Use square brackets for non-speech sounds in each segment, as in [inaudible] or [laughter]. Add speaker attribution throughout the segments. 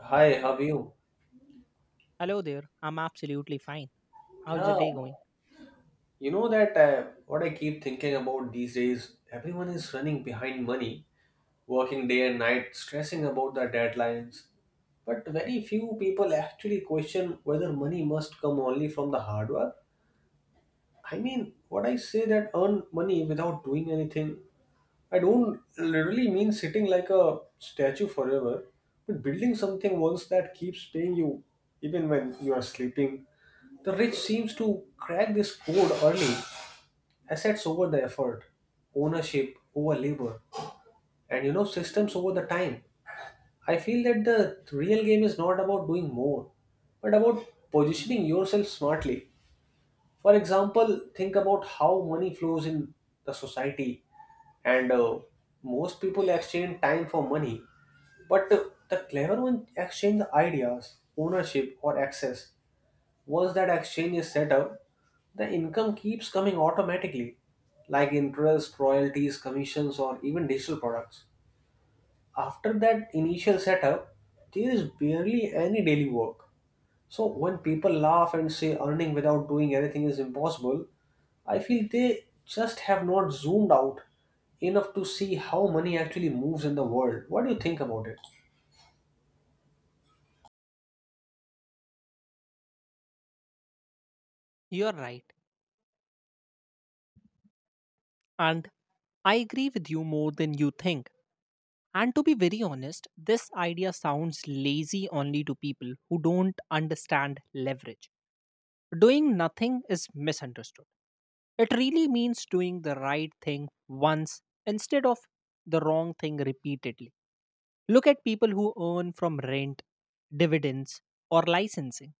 Speaker 1: Hi, how are you?
Speaker 2: Hello there. I'm absolutely fine. How's your
Speaker 1: Yeah,
Speaker 2: day going?
Speaker 1: that what I keep thinking about these days, everyone is running behind money, working day and night, stressing about the deadlines. But very few people actually question whether money must come only from the hard work. I mean, what I say that earn money without doing anything I don't literally mean sitting like a statue forever, but building something once that keeps paying you even when you are sleeping. The rich seems to crack this code early. Assets over the effort, ownership over labor, and systems over the time. I feel that the real game is not about doing more, but about positioning yourself smartly. For example, think about how money flows in the society, and most people exchange time for money. But the clever ones exchange the ideas, ownership, or access. Once that exchange is set up, the income keeps coming automatically, like interest, royalties, commissions, or even digital products. After that initial setup, there is barely any daily work. So when people laugh and say earning without doing anything is impossible, I feel they just have not zoomed out enough to see how money actually moves in the world. What do you think about it?
Speaker 2: You're right. And I agree with you more than you think. And to be very honest, this idea sounds lazy only to people who don't understand leverage. Doing nothing is misunderstood. It really means doing the right thing once instead of the wrong thing repeatedly. Look at people who earn from rent, dividends, or licensing.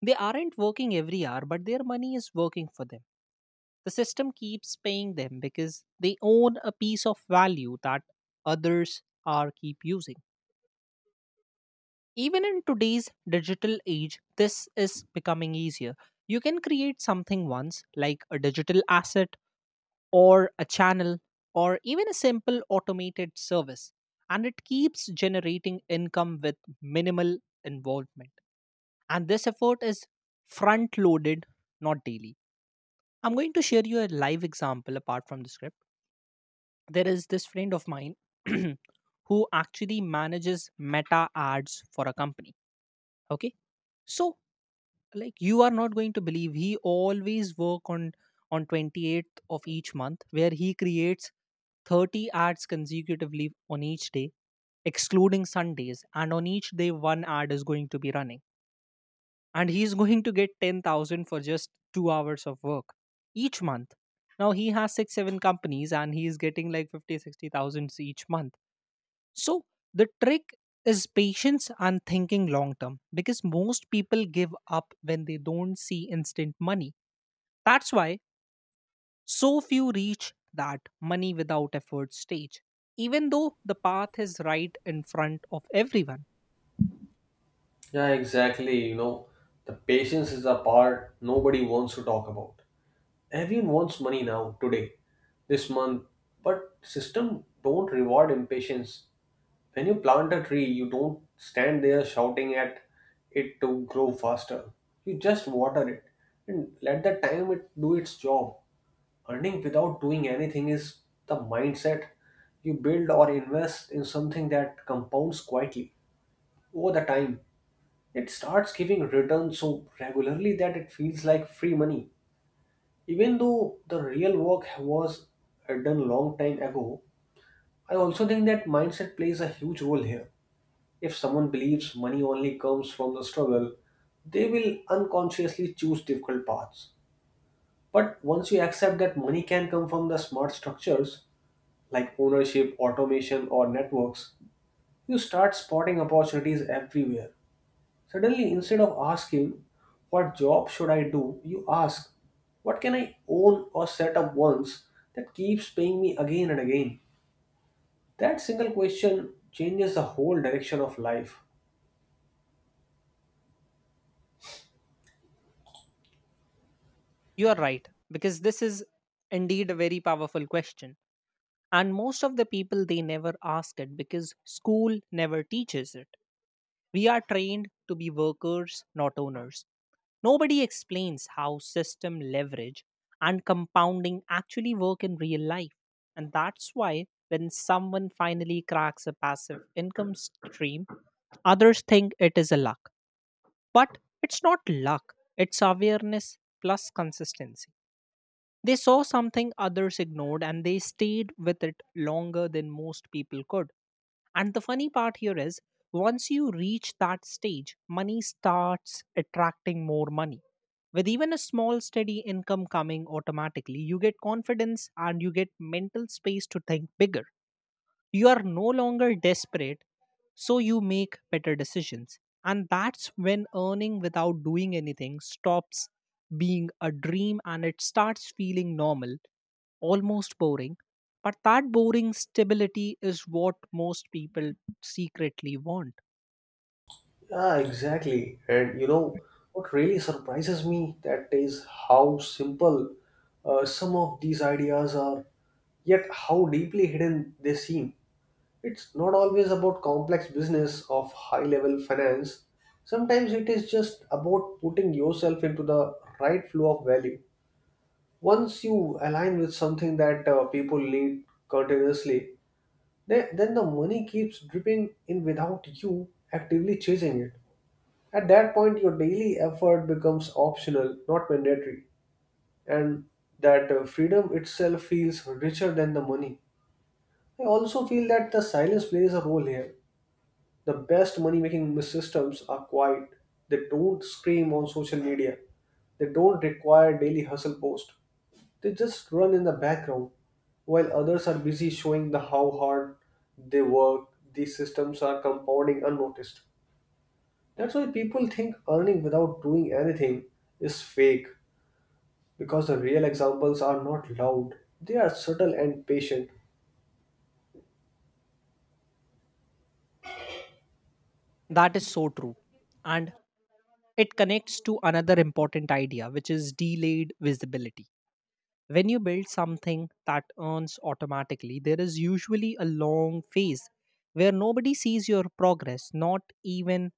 Speaker 2: They aren't working every hour, but their money is working for them. The system keeps paying them because they own a piece of value that others are keep using. Even in today's digital age, this is becoming easier. You can create something once, like a digital asset or a channel or even a simple automated service, and it keeps generating income with minimal involvement. And this effort is front loaded, not daily. I'm going to share you a live example apart from the script. There is this friend of mine [clears throat] who actually manages meta ads for a company. Okay. So like you are not going to believe, he always work on 28th of each month, where he creates 30 ads consecutively on each day, excluding Sundays, and on each day one ad is going to be running, and he's going to get 10,000 for just 2 hours of work each month. Now he has 6 7 companies and he's getting like 50, 60 thousands each month. So the trick is patience and thinking long term, because most people give up when they don't see instant money. That's why so few reach that money without effort stage, even though the path is right in front of everyone.
Speaker 1: Yeah, exactly. The patience is a part nobody wants to talk about. Everyone wants money now, today, this month, but system don't reward impatience. When you plant a tree, you don't stand there shouting at it to grow faster. You just water it and let the time it do its job. Earning without doing anything is the mindset you build or invest in something that compounds quietly over the time. It starts giving returns so regularly that it feels like free money. Even though the real work was done long time ago, I also think that mindset plays a huge role here if someone believes money only comes from the struggle, they will unconsciously choose difficult paths. But once you accept that money can come from the smart structures like ownership, automation, or networks, you start spotting opportunities everywhere. Suddenly, instead of asking, what job should I do? You ask, what can I own or set up once that keeps paying me again and again? That single question changes the whole direction of life.
Speaker 2: You are right, because this is indeed a very powerful question, and most of the people they never ask it because school never teaches it. We are trained to be workers, not owners. Nobody explains how system leverage and compounding actually work in real life. And that's why when someone finally cracks a passive income stream, others think it is a luck. But it's not luck, it's awareness plus consistency. They saw something others ignored and they stayed with it longer than most people could. And the funny part here is, once you reach that stage, money starts attracting more money. With even a small, steady income coming automatically, you get confidence and you get mental space to think bigger. You are no longer desperate, so you make better decisions. And that's when earning without doing anything stops being a dream and it starts feeling normal, almost boring. But that boring stability is what most people secretly want.
Speaker 1: Ah, exactly. And what really surprises me that is how simple some of these ideas are, yet how deeply hidden they seem. It's not always about complex business of high level finance. Sometimes it is just about putting yourself into the right flow of value. Once you align with something that people need continuously, then the money keeps dripping in without you actively chasing it. At that point, your daily effort becomes optional, not mandatory, and that freedom itself feels richer than the money. I also feel that the silence plays a role here. The best money making systems are quiet, they don't scream on social media, they don't require daily hustle posts, they just run in the background while others are busy showing the how hard they work these systems are compounding unnoticed. That's why people think earning without doing anything is fake because the real examples are not loud. They are subtle and patient.
Speaker 2: That is so true. And it connects to another important idea, which is delayed visibility. When you build something that earns automatically, there is usually a long phase where nobody sees your progress, not even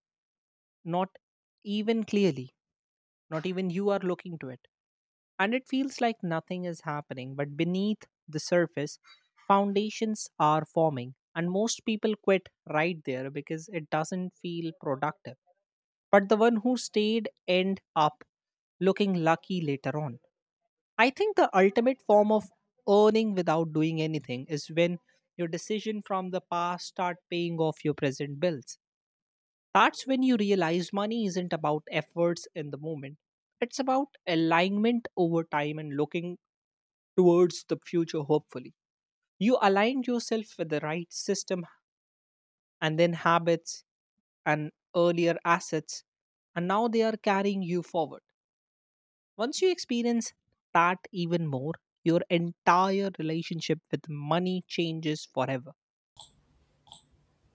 Speaker 2: not even clearly, not even you are looking to it, and it feels like nothing is happening. But beneath the surface, foundations are forming, and most people quit right there because it doesn't feel productive. But the one who stayed end up looking lucky later on. I think the ultimate form of earning without doing anything is when your decision from the past start paying off your present bills. That's when you realize money isn't about efforts in the moment. It's about alignment over time and looking towards the future, hopefully. You aligned yourself with the right system and then habits and earlier assets, and now they are carrying you forward. Once you experience that even more, your entire relationship with money changes forever.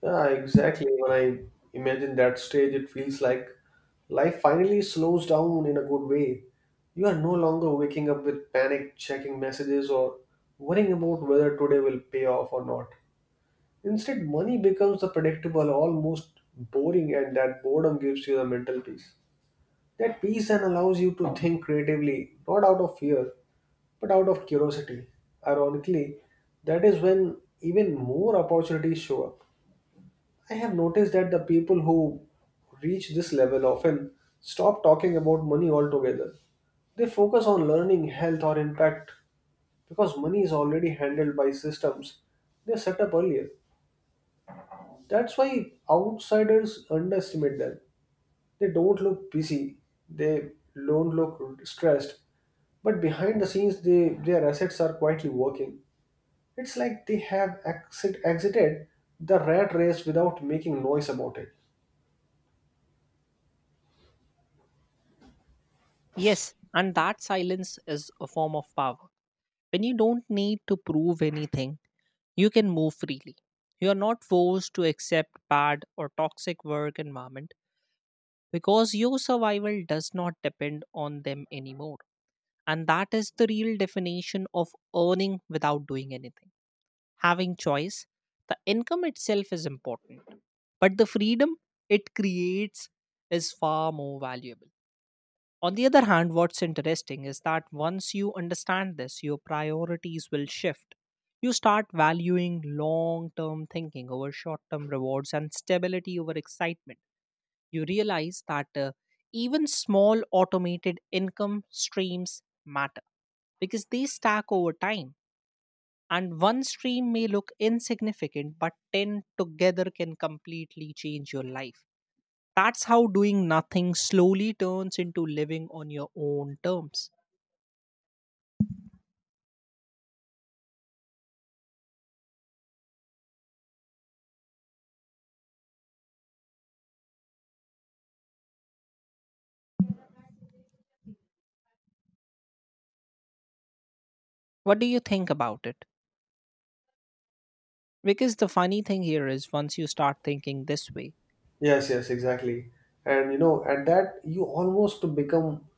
Speaker 1: Yeah, exactly. When I imagine that stage, it feels like life finally slows down in a good way. You are no longer waking up with panic, checking messages, or worrying about whether today will pay off or not. Instead, money becomes the predictable, almost boring, and that boredom gives you the mental peace. That peace and allows you to think creatively, not out of fear, but out of curiosity. Ironically, that is when even more opportunities show up. I have noticed that the people who reach this level often stop talking about money altogether. They focus on learning, health, or impact because money is already handled by systems they set up earlier. That's why outsiders underestimate them. They don't look busy, they don't look stressed, but behind the scenes, their assets are quietly working. It's like they have exited the rat race without making noise about it.
Speaker 2: Yes, and that silence is a form of power. When you don't need to prove anything, you can move freely. You are not forced to accept bad or toxic work environment because your survival does not depend on them anymore. And that is the real definition of earning without doing anything. Having choice, the income itself is important, but the freedom it creates is far more valuable. On the other hand, what's interesting is that once you understand this, your priorities will shift. You start valuing long term thinking over short term rewards and stability over excitement. You realize that even small automated income streams matter because they stack over time. And one stream may look insignificant, but 10 together can completely change your life. That's how doing nothing slowly turns into living on your own terms. What do you think about it? Because the funny thing here is, once you start thinking this way.
Speaker 1: Yes, exactly. And at that, you almost become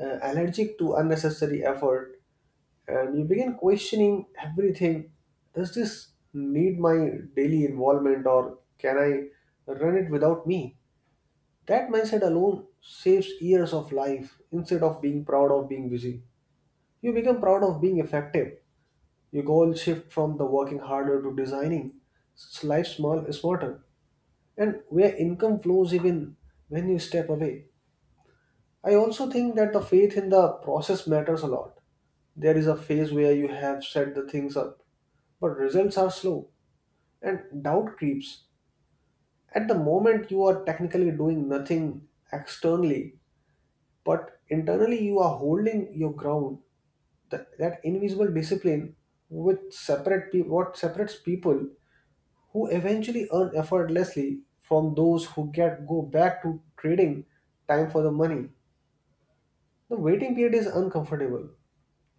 Speaker 1: allergic to unnecessary effort and you
Speaker 2: Mm.
Speaker 1: begin questioning everything. Does this need my daily involvement or can I run it without me? That mindset alone saves years of life instead of being proud of being busy. You become proud of being effective. Your goals shift from the working harder to designing life small smarter and where income flows even when you step away. I also think that the faith in the process matters a lot. There is a phase where you have set the things up, but results are slow and doubt creeps. At the moment you are technically doing nothing externally but internally you are holding your ground that invisible discipline which separate what separates people who eventually earn effortlessly from those who get go back to trading time for the money. The waiting period is uncomfortable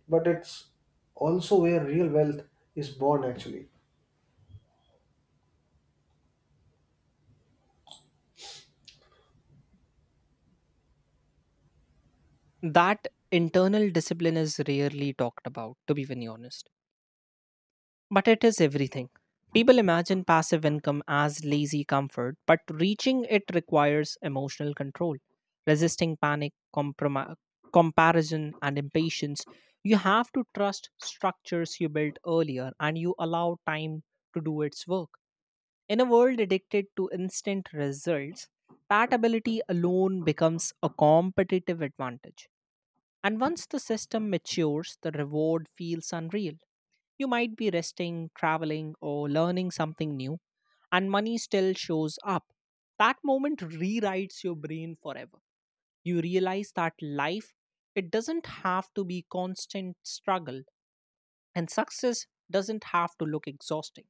Speaker 1: but it's also where real wealth is born actually.
Speaker 2: That internal discipline is rarely talked about, to be very honest. But it is everything. People imagine passive income as lazy comfort, but reaching it requires emotional control, resisting panic, comparison, and impatience. You have to trust structures you built earlier and you allow time to do its work. In a world addicted to instant results, that ability alone becomes a competitive advantage. And once the system matures, the reward feels unreal. You might be resting, traveling, or learning something new, and money still shows up. That moment rewrites your brain forever. You realize that life, it doesn't have to be constant struggle, and success doesn't have to look exhausting.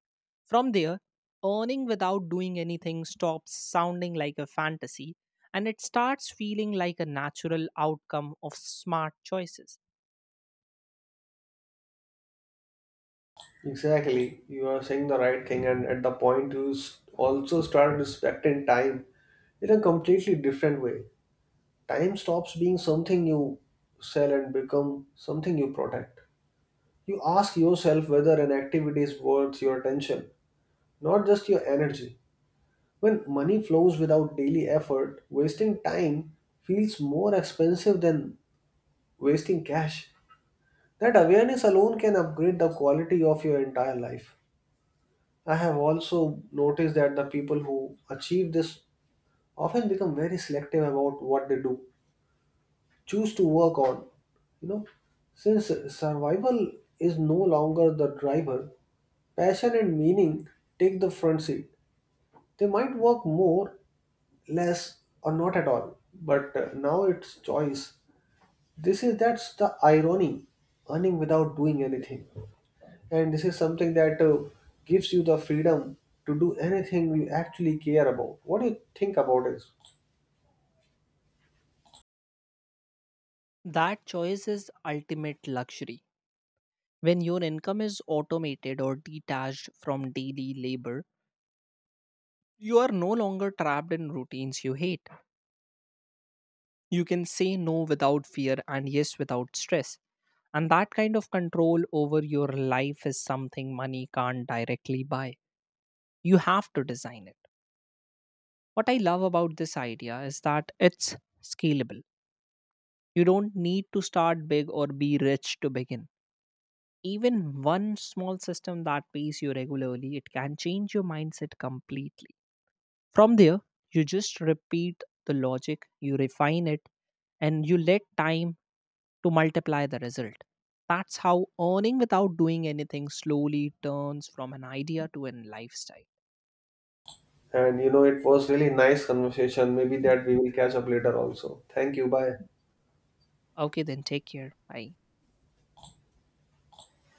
Speaker 2: From there, earning without doing anything stops sounding like a fantasy and it starts feeling like a natural outcome of smart choices.
Speaker 1: Exactly, you are saying the right thing and at the point you also start respecting time in a completely different way. Time stops being something you sell and become something you protect. You ask yourself whether an activity is worth your attention, not just your energy. When money flows without daily effort, wasting time feels more expensive than wasting cash. That awareness alone can upgrade the quality of your entire life. I have also noticed that the people who achieve this often become very selective about what they do choose to work on. You know, since survival is no longer the driver, passion and meaning take the front seat. They might work more, less, or not at all, but now it's choice. This is that's the irony, earning without doing anything, and this is something that gives you the freedom to do anything you actually care about. What do you think about this?
Speaker 2: That choice is ultimate luxury. When your income is automated or detached from daily labor, you are no longer trapped in routines you hate. You can say no without fear and yes without stress. And that kind of control over your life is something money can't directly buy. You have to design it. What I love about this idea is that it's scalable. You don't need to start big or be rich to begin. Even one small system that pays you regularly, it can change your mindset completely. From there, you just repeat the logic, you refine it, and you let time to multiply the result. That's how earning without doing anything slowly turns from an idea to a lifestyle.
Speaker 1: And you know, it was really nice conversation. Maybe that we will catch up later also. Thank you. Bye.
Speaker 2: Okay then, take care. Bye.